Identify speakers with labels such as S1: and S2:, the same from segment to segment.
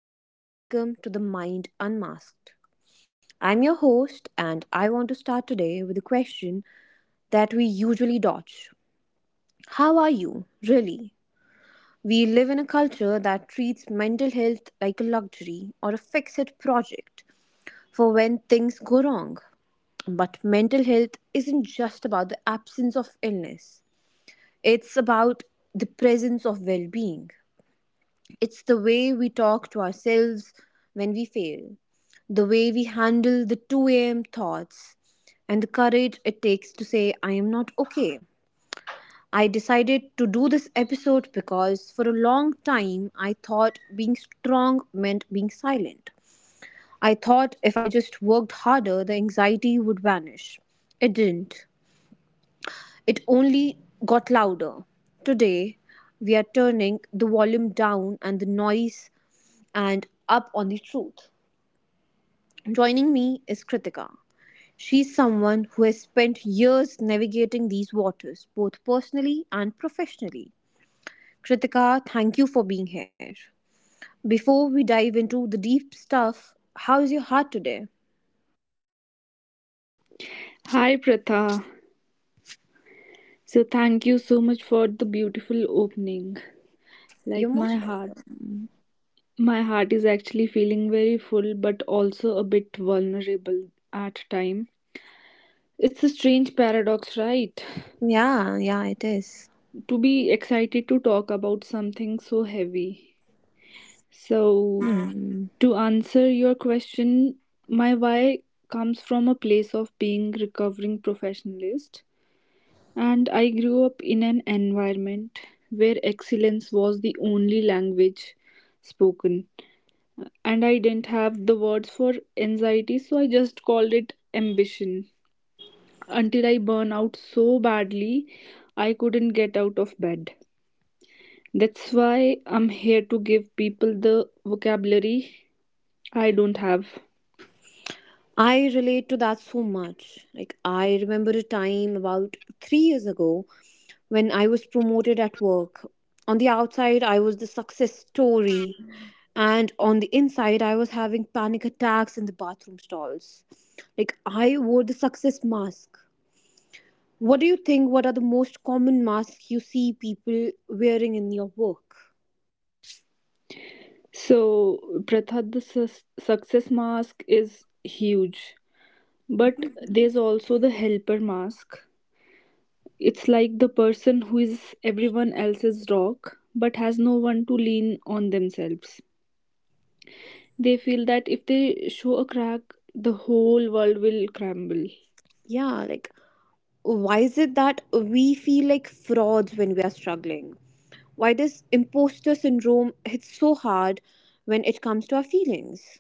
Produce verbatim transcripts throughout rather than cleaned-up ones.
S1: and welcome to the Mind Unmasked. I'm your host, and I want to start today with a question that we usually dodge. How are you, really? We live in a culture that treats mental health like a luxury or a fix it project for when things go wrong. But mental health isn't just about the absence of illness, it's about the presence of well being. It's the way we talk to ourselves when we fail, the way we handle the two a m thoughts, and the courage it takes to say, I am not okay. I decided to do this episode because for a long time I thought being strong meant being silent. I thought if I just worked harder, the anxiety would vanish. It didn't. It only got louder. Today, we are turning the volume down and the noise and up on the truth. Joining me is Kritika. She's someone who has spent years navigating these waters, both personally and professionally. Kritika, thank you for being here. Before we dive into the deep stuff, how's your heart today?
S2: Hi Pratha. So thank you so much for the beautiful opening.
S1: You're
S2: Like my
S1: most
S2: heart
S1: welcome.
S2: my heart is actually feeling very full but also a bit vulnerable at time. It's a strange paradox, right?
S1: Yeah, yeah, it is.
S2: To be excited to talk about something so heavy. So
S1: Hmm.
S2: to answer your question, my why comes from a place of being recovering professionalist. And I grew up in an environment where excellence was the only language spoken. And I didn't have the words for anxiety, so I just called it ambition. Until I burn out so badly, I couldn't get out of bed. That's why I'm here to give people the vocabulary I don't have.
S1: I relate to that so much. Like, I remember a time about three years ago when I was promoted at work. On the outside, I was the success story, and on the inside, I was having panic attacks in the bathroom stalls. Like, I wore the success mask. What do you think? What are the most common masks you see people wearing in your work?
S2: So, Pratha, the sus- success mask is huge, but there's also the helper mask. It's like the person who is everyone else's rock but has no one to lean on themselves. They feel that if they show a crack, the whole world will crumble.
S1: Yeah, like, why is it that we feel like frauds when we are struggling? Why does imposter syndrome hit so hard when it comes to our feelings?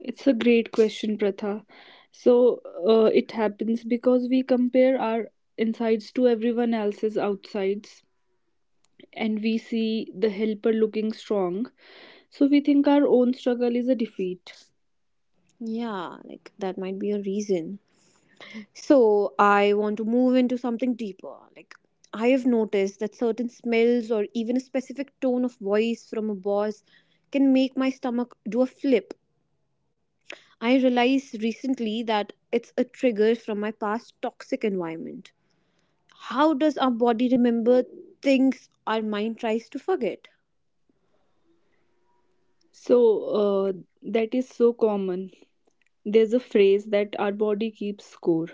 S2: It's a great question, Pratha. So uh, it happens because we compare our insides to everyone else's outsides, and we see the helper looking strong. So we think our own struggle is a defeat.
S1: Yeah, like that might be a reason. So, I want to move into something deeper. Like, I have noticed that certain smells or even a specific tone of voice from a boss can make my stomach do a flip. I realized recently that it's a trigger from my past toxic environment. How does our body remember things our mind tries to forget?
S2: So uh, that is so common. There's a phrase that our body keeps score.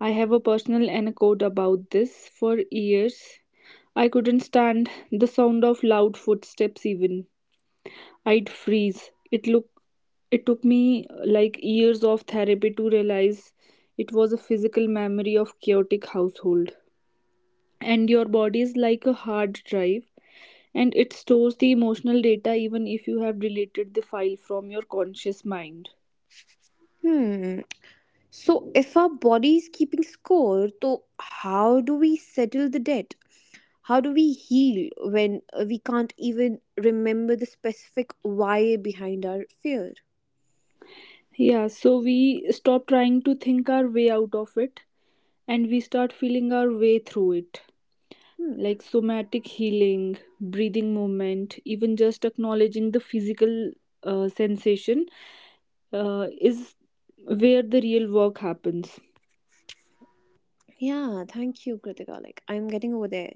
S2: I have a personal anecdote about this. For years, I couldn't stand the sound of loud footsteps even. I'd freeze. It looked it took me uh, like years of therapy to realize it was a physical memory of chaotic household, and your body is like a hard drive, and it stores the emotional data even if you have deleted the file from your conscious mind.
S1: Hmm. So, if our body is keeping score, though, how do we settle the debt? How do we heal when uh, we can't even remember the specific why behind our fear?
S2: Yeah, so we stop trying to think our way out of it and we start feeling our way through it.
S1: Hmm.
S2: Like somatic healing, breathing movement, even just acknowledging the physical uh, sensation uh, is where the real work happens.
S1: Yeah, thank you, Kritika. Like, I'm getting over there.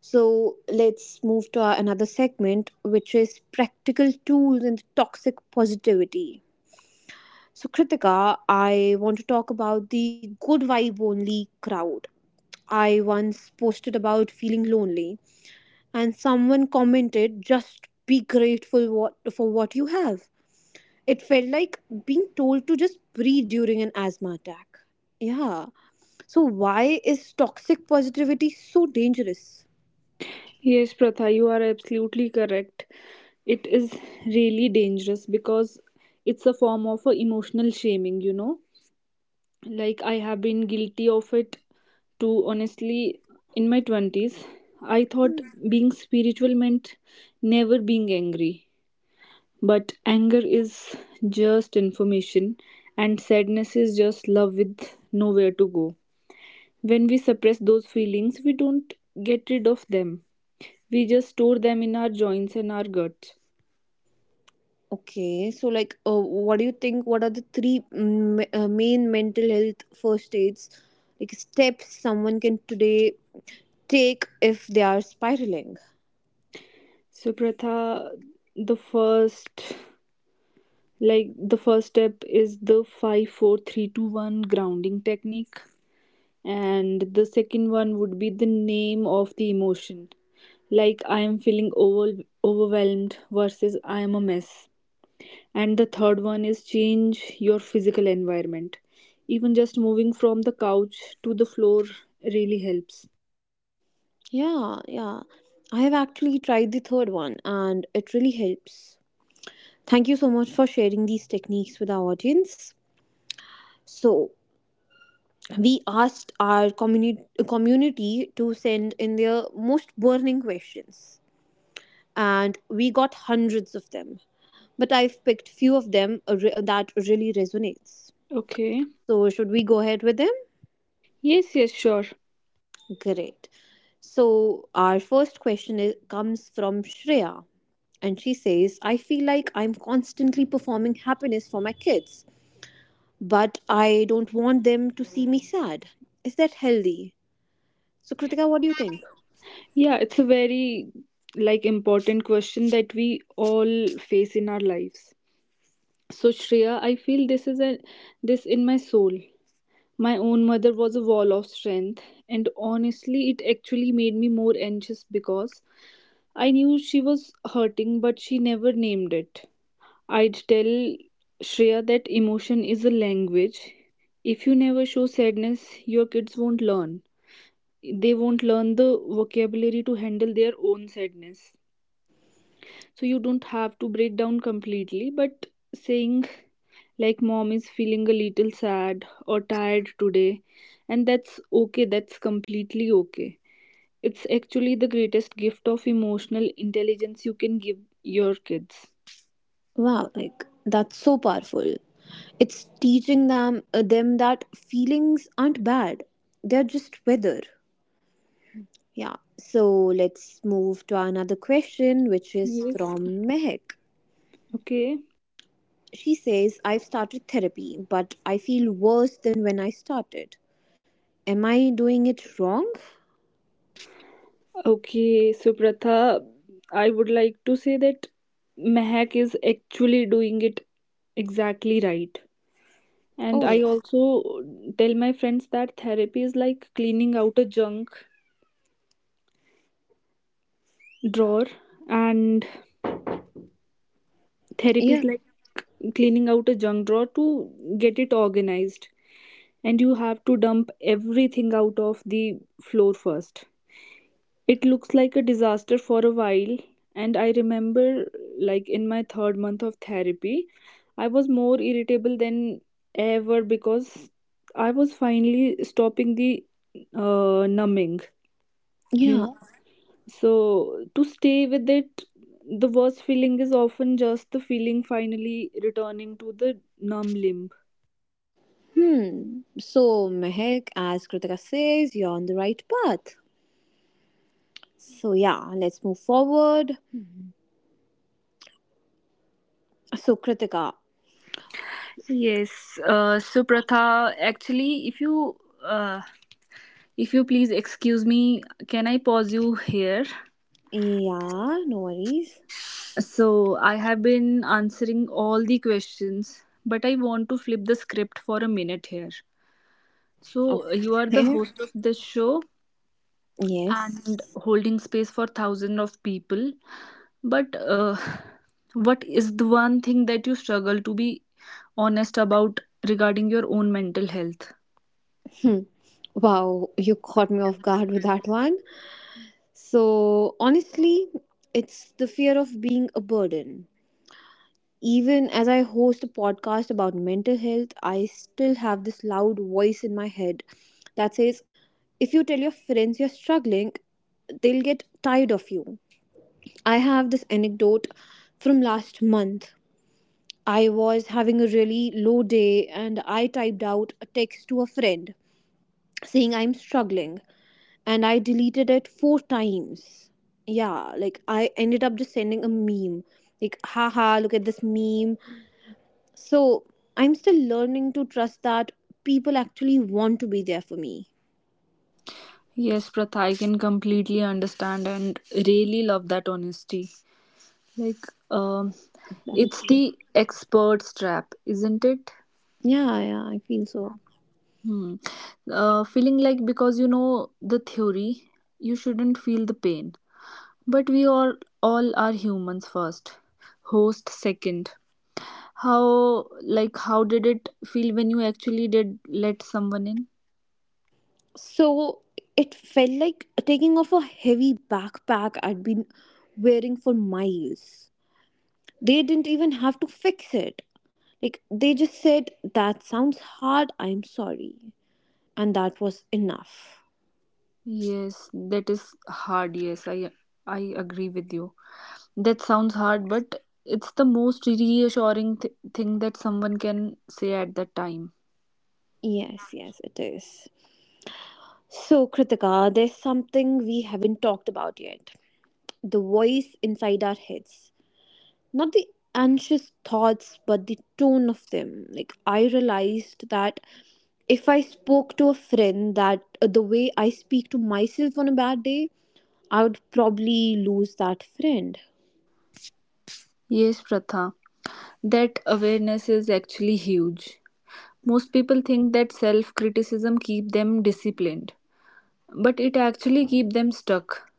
S1: So, let's move to our another segment, which is practical tools and toxic positivity. So, Kritika, I want to talk about the good vibe only crowd. I once posted about feeling lonely, and someone commented, just be grateful what, for what you have. It felt like being told to just breathe during an asthma attack. Yeah. So, why is toxic positivity so dangerous?
S2: Yes, Pratha, you are absolutely correct. It is really dangerous because it's a form of a emotional shaming, you know. Like I have been guilty of it to honestly in my twenties. I thought being spiritual meant never being angry, but anger is just information, and sadness is just love with nowhere to go. When we suppress those feelings, we don't get rid of them. We just store them in our joints and our guts.
S1: Okay, so like, uh, what do you think? What are the three mm, ma- uh, main mental health first aids, like steps someone can today take if they are spiraling?
S2: So, Pratha, the first like the first step is the five, four, three, two, one grounding technique, and the second one would be the name of the emotion. Like I am feeling over- overwhelmed versus I am a mess. And the third one is change your physical environment. Even just moving from the couch to the floor really helps.
S1: Yeah, yeah. I have actually tried the third one and it really helps. Thank you so much for sharing these techniques with our audience. So, we asked our communi- community to send in their most burning questions, and we got hundreds of them, but I've picked few of them uh, re- uh, that really resonates.
S2: Okay.
S1: So should we go ahead with them?
S2: Yes, yes, sure.
S1: Great. So our first question is, comes from Shreya, and she says, I feel like I'm constantly performing happiness for my kids, but I don't want them to see me sad. Is that healthy? So Kritika, what do you think?
S2: Yeah, it's a very like important question that we all face in our lives. So Shreya, I feel this is a this in my soul. My own mother was a wall of strength, and honestly, it actually made me more anxious because I knew she was hurting, but she never named it. I'd tell Shreya that emotion is a language. If you never show sadness, your kids won't learn. They won't learn the vocabulary to handle their own sadness. So you don't have to break down completely, but saying like mom is feeling a little sad or tired today, and that's okay, that's completely okay. It's actually the greatest gift of emotional intelligence you can give your kids.
S1: Wow, like that's so powerful. It's teaching them uh, them that feelings aren't bad. They're just weather. Yeah. So let's move to another question which is
S2: Yes,
S1: from Mehek.
S2: okay.
S1: She says, "I've started therapy, but I feel worse than when I started. Am I doing it wrong?"
S2: Okay, so Pratha, I would like to say that Mehak is actually doing it exactly right. And
S1: Oh
S2: I
S1: yeah.
S2: also tell my friends that therapy is like cleaning out a junk drawer and Therapy
S1: Yeah.
S2: is like cleaning out a junk drawer to get it organized. And you have to dump everything out of the floor first. It looks like a disaster for a while. And I remember, like, in my third month of therapy, I was more irritable than ever because I was finally stopping the uh, numbing, you
S1: Yeah.
S2: know. So, to stay with it, the worst feeling is often just the feeling finally returning to the numb limb.
S1: Hmm. So Mehek, as Kritika says, you're on the right path. So yeah, let's move forward. So Kritika.
S2: Yes, uh, so Pratha, actually, if you uh, if you please excuse me, can I pause you here?
S1: Yeah, no worries.
S2: So I have been answering all the questions, but I want to flip the script for a minute here. So you are the
S1: Okay.
S2: host of this show, and
S1: Yes.
S2: holding space for thousands of people, but uh, what is the one thing that you struggle to be honest about regarding your own mental health?
S1: Hmm. Wow, you caught me off guard with that one. So, honestly, it's the fear of being a burden. Even as I host a podcast about mental health, I still have this loud voice in my head that says, if you tell your friends you're struggling, they'll get tired of you. I have this anecdote from last month. I was having a really low day and I typed out a text to a friend saying I'm struggling and I deleted it four times. Yeah, like I ended up just sending a meme. Like, haha, look at this meme. So I'm still learning to trust that people actually want to be there for me.
S2: Yes, Pratha, I can completely understand and really love that honesty. Like, um it's
S1: Thank you.
S2: the expert's trap, isn't it?
S1: Yeah, yeah, I feel so.
S2: Hmm. Uh, feeling like because you know the theory, you shouldn't feel the pain. But we all all are humans first, host second. How like how did it feel when you actually did let someone in?
S1: So it felt like taking off a heavy backpack I'd been wearing for miles. They didn't even have to fix it. Like, they just said, That sounds hard, I'm sorry. And that was enough.
S2: Yes, that is hard. Yes, I I agree with you. That sounds hard, but it's the most reassuring th- thing that someone can say at that time.
S1: Yes, yes, it is. So, Kritika, there's something we haven't talked about yet, the voice inside our heads. Not the anxious thoughts, but the tone of them. Like, I realized that if I spoke to a friend that uh, the way I speak to myself on a bad day, I would probably lose that friend.
S2: Yes, Pratha, that awareness is actually huge. Most people think that self criticism keep them disciplined, but it actually keep them stuck.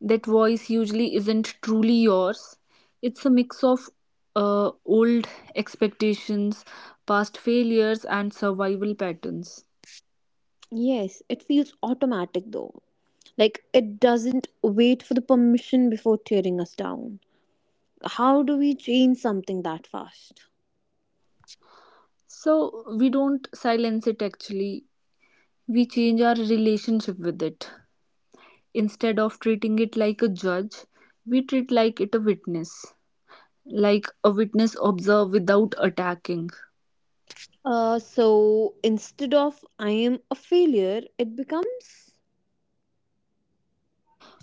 S2: That voice usually isn't truly yours. It's a mix of uh, old expectations, past failures, and survival patterns.
S1: Yes, it feels automatic though. Like it doesn't wait for the permission before tearing us down. How do we change something that fast?
S2: So we don't silence it actually, we change our relationship with it. Instead of treating it like a judge, we treat like it a witness, like a witness observe without attacking.
S1: Uh, so instead of I am a failure, it becomes,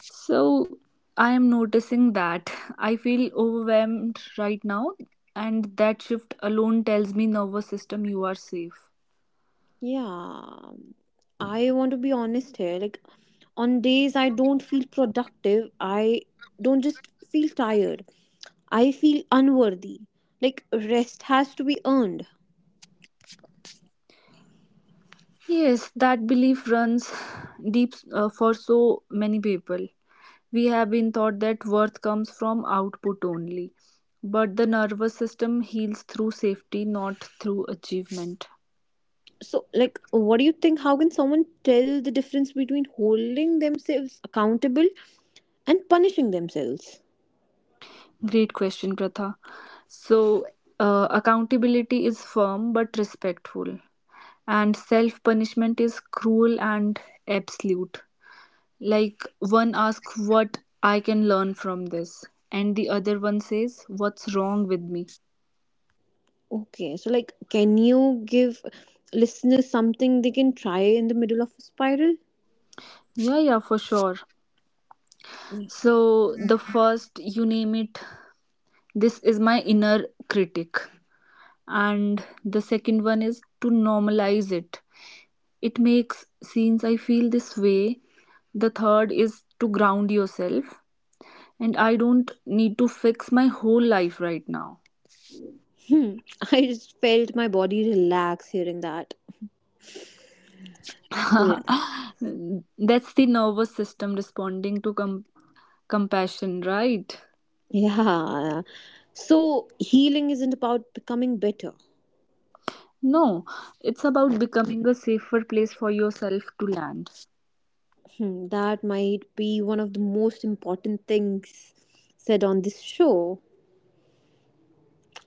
S2: So I am noticing that I feel overwhelmed right now, and that shift alone tells me nervous system you are safe.
S1: yeah, I want to be honest here. Like on days I don't feel productive, I don't just feel tired, I feel unworthy. Like rest has to be earned.
S2: Yes, that belief runs deep uh, for so many people. We have been taught that worth comes from output only, but the nervous system heals through safety, not through achievement.
S1: So, like, what do you think? How can someone tell the difference between holding themselves accountable and punishing themselves?
S2: Great question, Pratha. So, uh, accountability is firm but respectful, and self punishment is cruel and absolute. Like one asks what I can learn from this, and the other one says what's wrong with me.
S1: Okay, so, like, can you give listeners something they can try in the middle of a spiral?
S2: Yeah, yeah, for sure. So, the first, you name it, this is my inner critic, and the second one is to normalize it. It makes since I feel this way. The third is to ground yourself, and I don't need to fix my whole life right now.
S1: Hmm, I just felt my body relax hearing that. Yeah.
S2: That's the nervous system responding to com- compassion, right?
S1: Yeah. So, healing isn't about becoming better.
S2: No, it's about becoming a safer place for yourself to land.
S1: Hmm, that might be one of the most important things said on this show.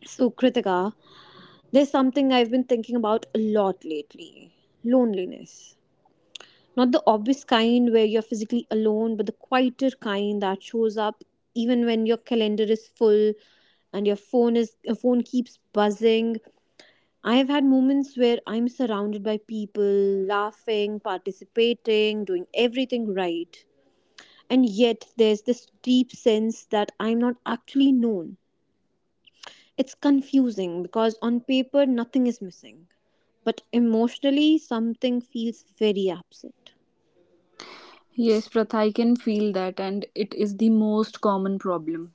S1: So, Kritika, there's something I've been thinking about a lot lately, loneliness. Not the obvious kind where you're physically alone, but the quieter kind that shows up even when your calendar is full and your phone is your phone keeps buzzing. I have had moments where I'm surrounded by people, laughing, participating, doing everything right. And yet there's this deep sense that I'm not actually known. It's confusing because on paper nothing is missing, but emotionally something feels very absent.
S2: Yes, Pratha, I can feel that, and it is the most common problem.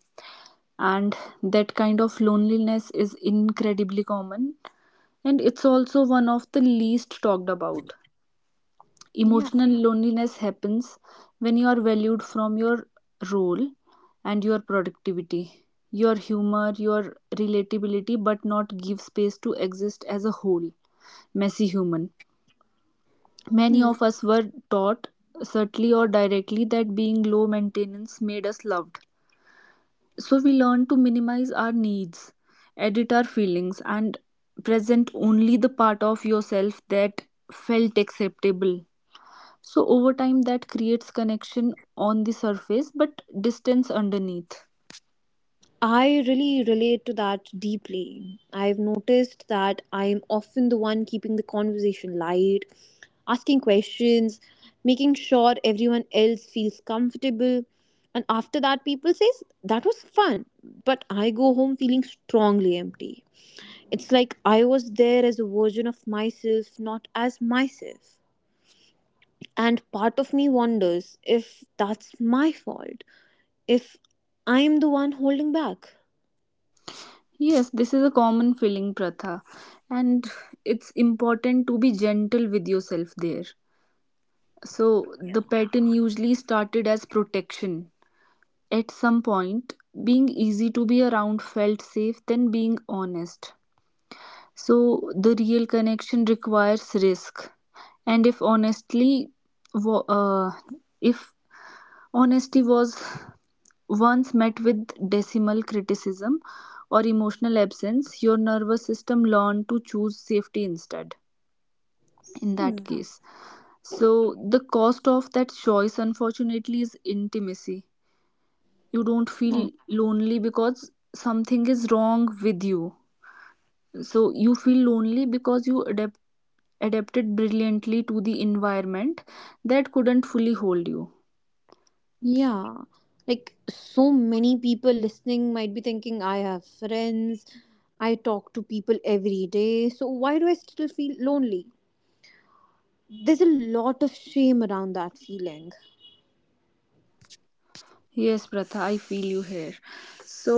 S2: And that kind of loneliness is incredibly common, and it's also one of the least talked about.
S1: Yeah.
S2: Emotional loneliness happens when you are valued from your role and your productivity, your humor, your relatability, but not give space to exist as a whole messy human. Many
S1: Hmm.
S2: of us were taught subtly or directly that being low maintenance made us loved, so we learn to minimize our needs, edit our feelings, and present only the part of yourself that felt acceptable. So over time, that creates connection on the surface but distance underneath.
S1: I really relate to that deeply. I've noticed that I'm often the one keeping the conversation light, asking questions, making sure everyone else feels comfortable. And after that, people says that was fun, but I go home feeling strongly empty. It's like I was there as a version of myself, not as myself. And part of me wonders if that's my fault, if I'm the one holding back.
S2: Yes, this is a common feeling, Pratha, and it's important to be gentle with yourself there. So the pattern usually started as protection. At some point, being easy to be around felt safe than being honest. So the real connection requires risk, and if honestly, wa- uh, if honesty was once met with decimal criticism or emotional absence, your nervous system learned to choose safety instead. In that case, so the cost of that choice, unfortunately, is intimacy. You don't
S1: Oh,
S2: feel lonely because something is wrong with you. So you feel lonely because you adapt adapted brilliantly to the environment that couldn't fully hold you.
S1: yeah. Like so many people listening might be thinking, I have friends, I talk to people every day, so why do I still feel lonely? There's a lot of shame around that feeling.
S2: Yes, Pratha, I feel you here. So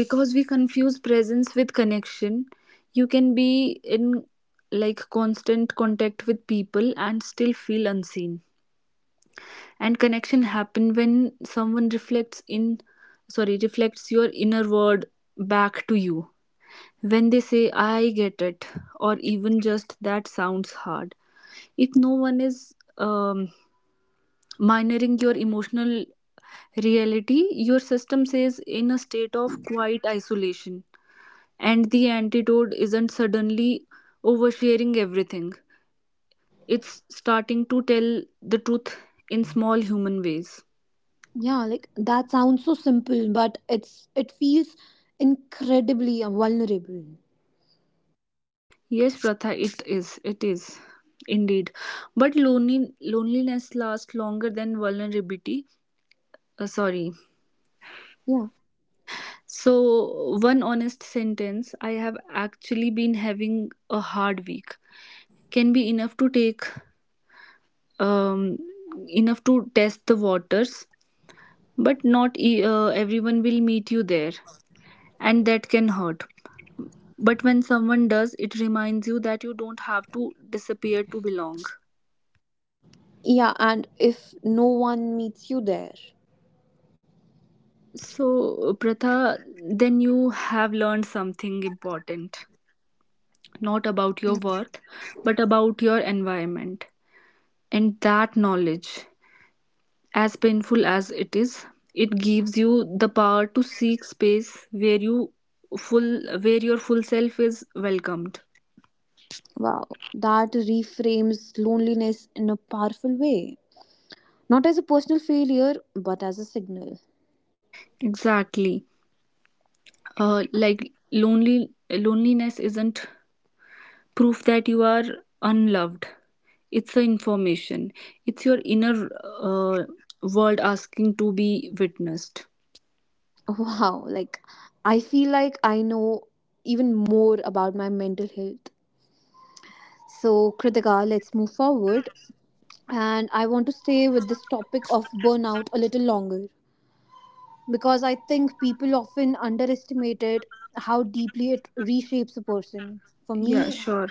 S2: because we confuse presence with connection, you can be in like constant contact with people and still feel unseen. And connection happen when someone reflects in sorry reflects your inner word back to you. When they say, I get it, or even just that sounds hard, if no one is um, minoring your emotional reality, your system says in a state of quiet isolation. And the antidote isn't suddenly oversharing everything, it's starting to tell the truth in small human ways.
S1: Yeah, like that sounds so simple, but it's it feels incredibly vulnerable.
S2: Yes, Pratha, it is. It is. Indeed. But lonely, loneliness lasts longer than vulnerability. Uh, sorry,
S1: Yeah.
S2: So, one honest sentence I have actually been having a hard week can be enough to take, um, enough to test the waters, but not e- uh, everyone will meet you there, and that can hurt. But when someone does, it reminds you that you don't have to disappear to belong.
S1: Yeah, and if no one meets you there.
S2: So, Pratha, then you have learned something important, not about your worth, but about your environment. And that knowledge, as painful as it is, it gives you the power to seek space where you full where your full self is welcomed.
S1: Wow, that reframes loneliness in a powerful way. Not as a personal failure, but as a signal.
S2: Exactly. Uh, like lonely loneliness isn't proof that you are unloved. It's the information. It's your inner uh, world asking to be witnessed.
S1: Wow, like I feel like I know even more about my mental health. So, Kritika, let's move forward. And I want to stay with this topic of burnout a little longer because I think people often underestimated how deeply it reshapes a person. For
S2: Yeah,
S1: me,
S2: sure.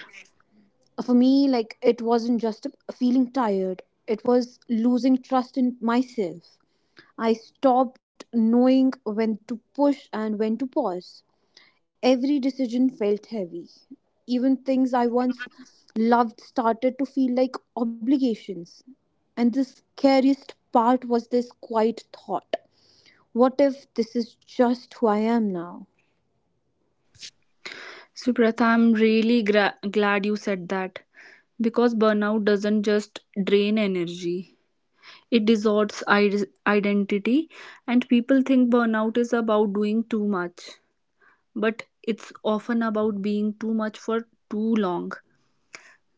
S1: for me like it wasn't just feeling tired, it was losing trust in myself. I stopped knowing when to push and when to pause. Every decision felt heavy. Even things I once loved started to feel like obligations. And the scariest part was this quiet thought, what if this is just who I am now?
S2: Suprata, I'm really gra- glad you said that, because burnout doesn't just drain energy. It distorts id- identity, and people think burnout is about doing too much, but it's often about being too much for too long.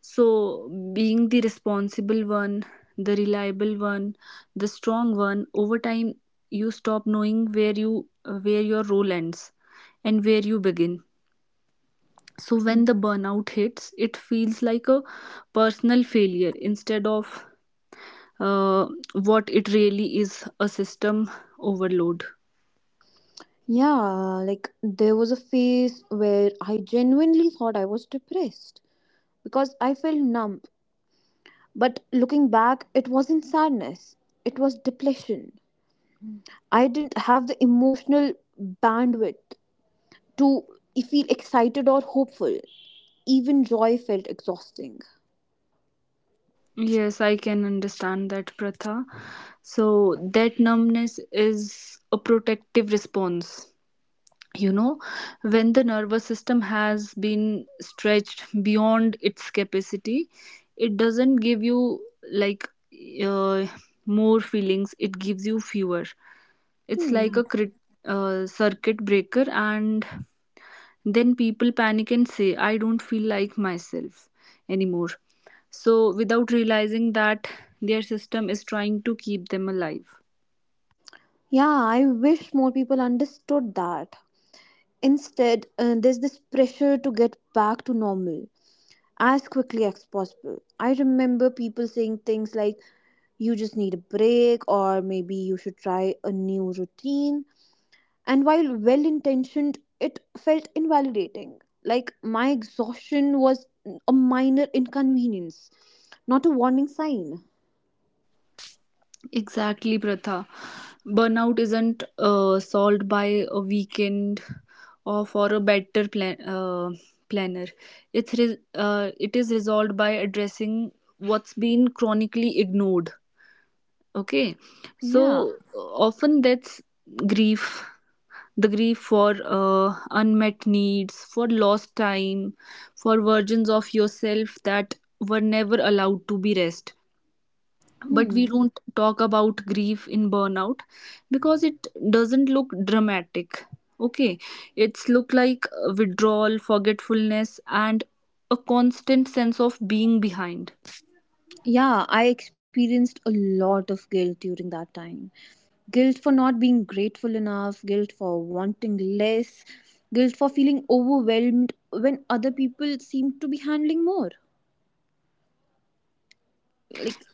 S2: So, being the responsible one, the reliable one, the strong one, over time you stop knowing where you where your role ends and where you begin. So when the burnout hits, it feels like a personal failure instead of uh, what it really is, a system overload.
S1: Yeah, like there was a phase where I genuinely thought I was depressed because I felt numb. But looking back, it wasn't sadness, it was depletion. I didn't have the emotional bandwidth to feel excited or hopeful. Even joy felt exhausting.
S2: Yes, I can understand that, Pratha. So, that numbness is a protective response. You know, when the nervous system has been stretched beyond its capacity, it doesn't give you like uh, more feelings, it gives you fewer. It's like
S1: Hmm.
S2: a crit- uh, circuit breaker, and then people panic and say I don't feel like myself anymore, so without realizing that their system is trying to keep them alive.
S1: Yeah, I wish more people understood that. Instead, uh, there's this pressure to get back to normal as quickly as possible. I remember people saying things like, you just need a break, or maybe you should try a new routine, and while well intentioned, it felt invalidating. Like my exhaustion was a minor inconvenience, not a warning sign.
S2: Exactly, Pratha. Burnout isn't uh, solved by a weekend or for a better plan uh, planner. It's re- uh, it is resolved by addressing what's been chronically ignored. Okay,
S1: Yeah.
S2: so uh, often that's grief, the grief for uh, unmet needs, for lost time, for versions of yourself that were never allowed to be rest. But
S1: Hmm.
S2: we don't talk about grief in burnout because it doesn't look dramatic. Okay, it's look like withdrawal, forgetfulness, and a constant sense of being behind.
S1: Yeah, I experienced a lot of guilt during that time. Guilt for not being grateful enough, guilt for wanting less, guilt for feeling overwhelmed when other people seem to be handling more. Like,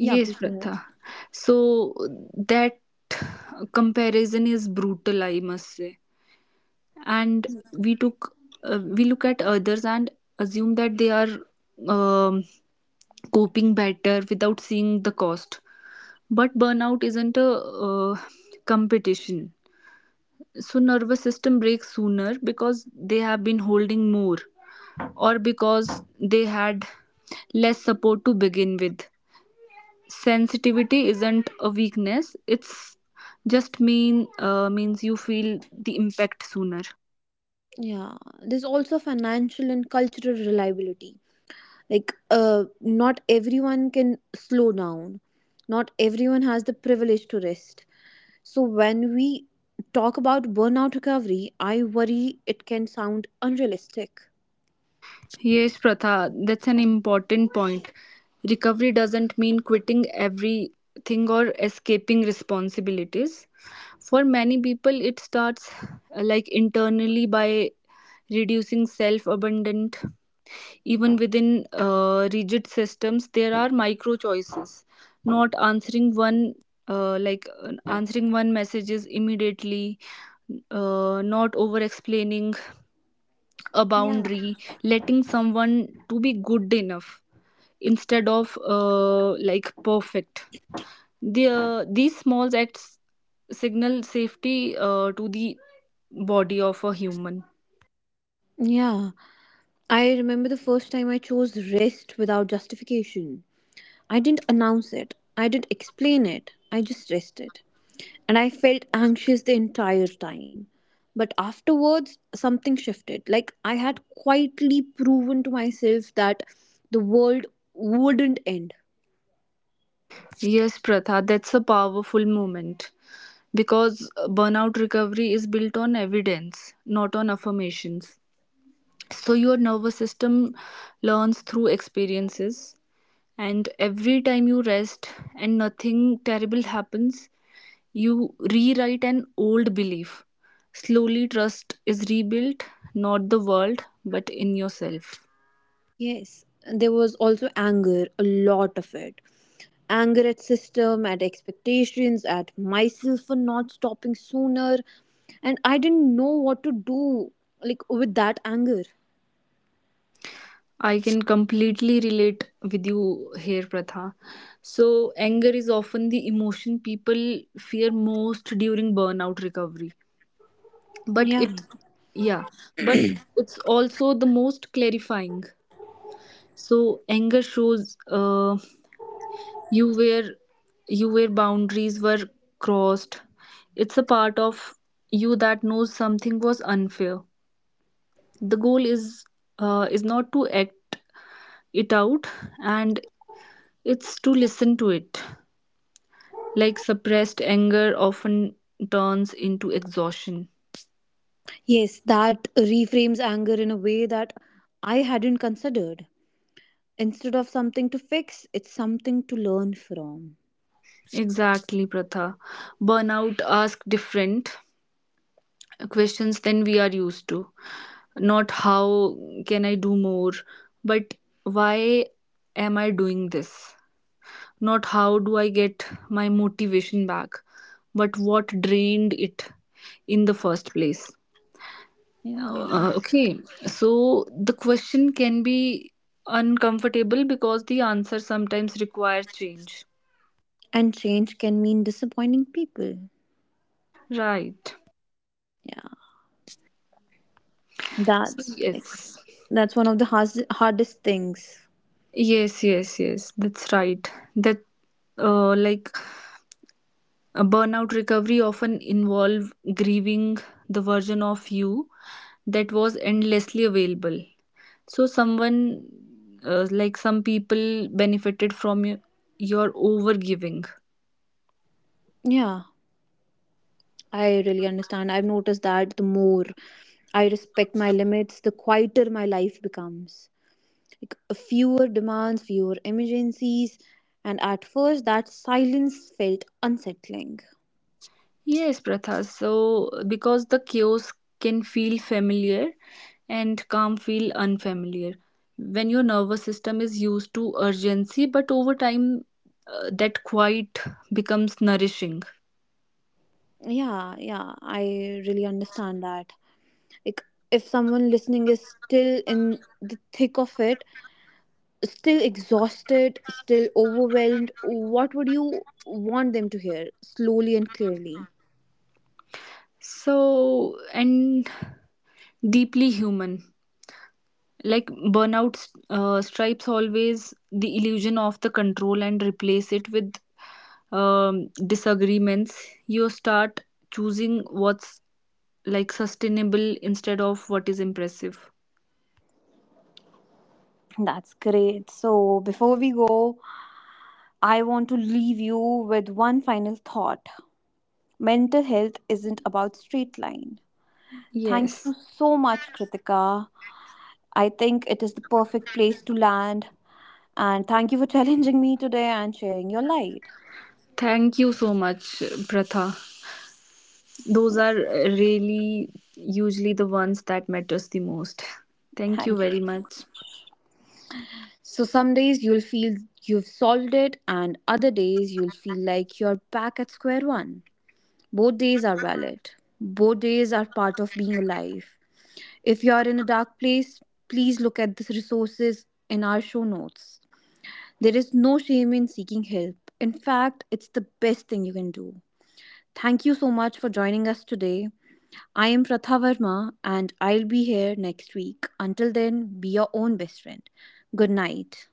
S1: yeah,
S2: Yes,
S1: please go ahead.
S2: Pratha. So that comparison is brutal, I must say. And we took uh, we look at others and assume that they are um, coping better without seeing the cost. But burnout isn't a uh, competition. So nervous system breaks sooner because they have been holding more, or because they had less support to begin with. Sensitivity isn't a weakness, it's just mean uh, means you feel the impact sooner.
S1: Yeah, there's also financial and cultural reliability. Like uh not everyone can slow down, not everyone has the privilege to rest, so when we talk about burnout recovery I worry it can sound unrealistic.
S2: Yes, Pratha, that's an important point. Recovery doesn't mean quitting everything or escaping responsibilities. For many people it starts uh, like internally by reducing self abandonment. Even within uh, rigid systems, there are micro choices. Not answering one, uh, like uh, answering one messages immediately, uh, not over explaining a
S1: Yeah.
S2: boundary, letting someone to be good enough instead of uh, like perfect. The, uh, these small acts signal safety uh, to the body of a human.
S1: Yeah, I remember the first time I chose rest without justification. I didn't announce it. I didn't explain it. I just rested. And I felt anxious the entire time. But afterwards, something shifted. Like I had quietly proven to myself that the world wouldn't end.
S2: Yes, Pratha, that's a powerful moment, because uh, burnout recovery is built on evidence, not on affirmations. So, your nervous system learns through experiences, and every time you rest and nothing terrible happens, you rewrite an old belief. Slowly, trust is rebuilt, not the world, but in yourself.
S1: Yes, there was also anger, a lot of it. Anger at system, at expectations, at myself for not stopping sooner. And I didn't know what to do like with that anger.
S2: I can completely relate with you here, Pratha. So, anger is often the emotion people fear most during burnout recovery. But
S1: Yeah.
S2: it, yeah, but it's also the most clarifying. So, anger shows uh, you where you where boundaries were crossed. It's a part of you that knows something was unfair. The goal is uh, is not to act it out and it's to listen to it. Like suppressed anger often turns into exhaustion.
S1: Yes, that reframes anger in a way that I hadn't considered. Instead of something to fix, it's something to learn from.
S2: Exactly, Pratha. Burnout asks different questions than we are used to. Not how can I do more, but why am I doing this? Not how do I get my motivation back, but what drained it in the first place.
S1: Yeah.
S2: Uh, okay, so the question can be uncomfortable because the answer sometimes requires change.
S1: And change can mean disappointing people.
S2: Right.
S1: Yeah.
S2: So,
S1: That's like
S2: yes.
S1: that's one of the hardest hardest things.
S2: Yes, yes, yes. That's right. That uh, like a burnout recovery often involve grieving the version of you that was endlessly available. So someone uh, like some people benefited from your, your overgiving.
S1: Yeah. I really understand. I've noticed that the more I respect my limits, the quieter my life becomes. Like fewer demands, fewer emergencies, and at first that silence felt unsettling.
S2: Yes, Pratha. So, because the chaos can feel familiar and calm feel unfamiliar. When your nervous system is used to urgency, but over time, uh, that quiet becomes nourishing.
S1: Yeah, yeah, I really understand that. Like, if someone listening is still in the thick of it, still exhausted, still overwhelmed, what would you want them to hear slowly and clearly?
S2: So, and deeply human. Like burnout uh, stripes always the illusion of the control and replace it with um, disagreements. You start choosing what's like sustainable instead of what is impressive.
S1: That's great. So, before we go, I want to leave you with one final thought. Mental health isn't about straight line. Thank you
S2: Yes.
S1: so much, Kritika. I think it is the perfect place to land. And thank you for challenging me today and sharing your light.
S2: Thank you so much, Pratha. Those are really usually the ones that matters the most. Thank you
S1: Thank you.
S2: very much.
S1: So, some days you'll feel you've solved it, and other days you'll feel like you're back at square one. Both days are valid, both days are part of being alive. If you are in a dark place, please look at the resources in our show notes. There is no shame in seeking help. In fact, it's the best thing you can do. Thank you so much for joining us today. I am Pratha Verma and I'll be here next week. Until then, be your own best friend. Good night.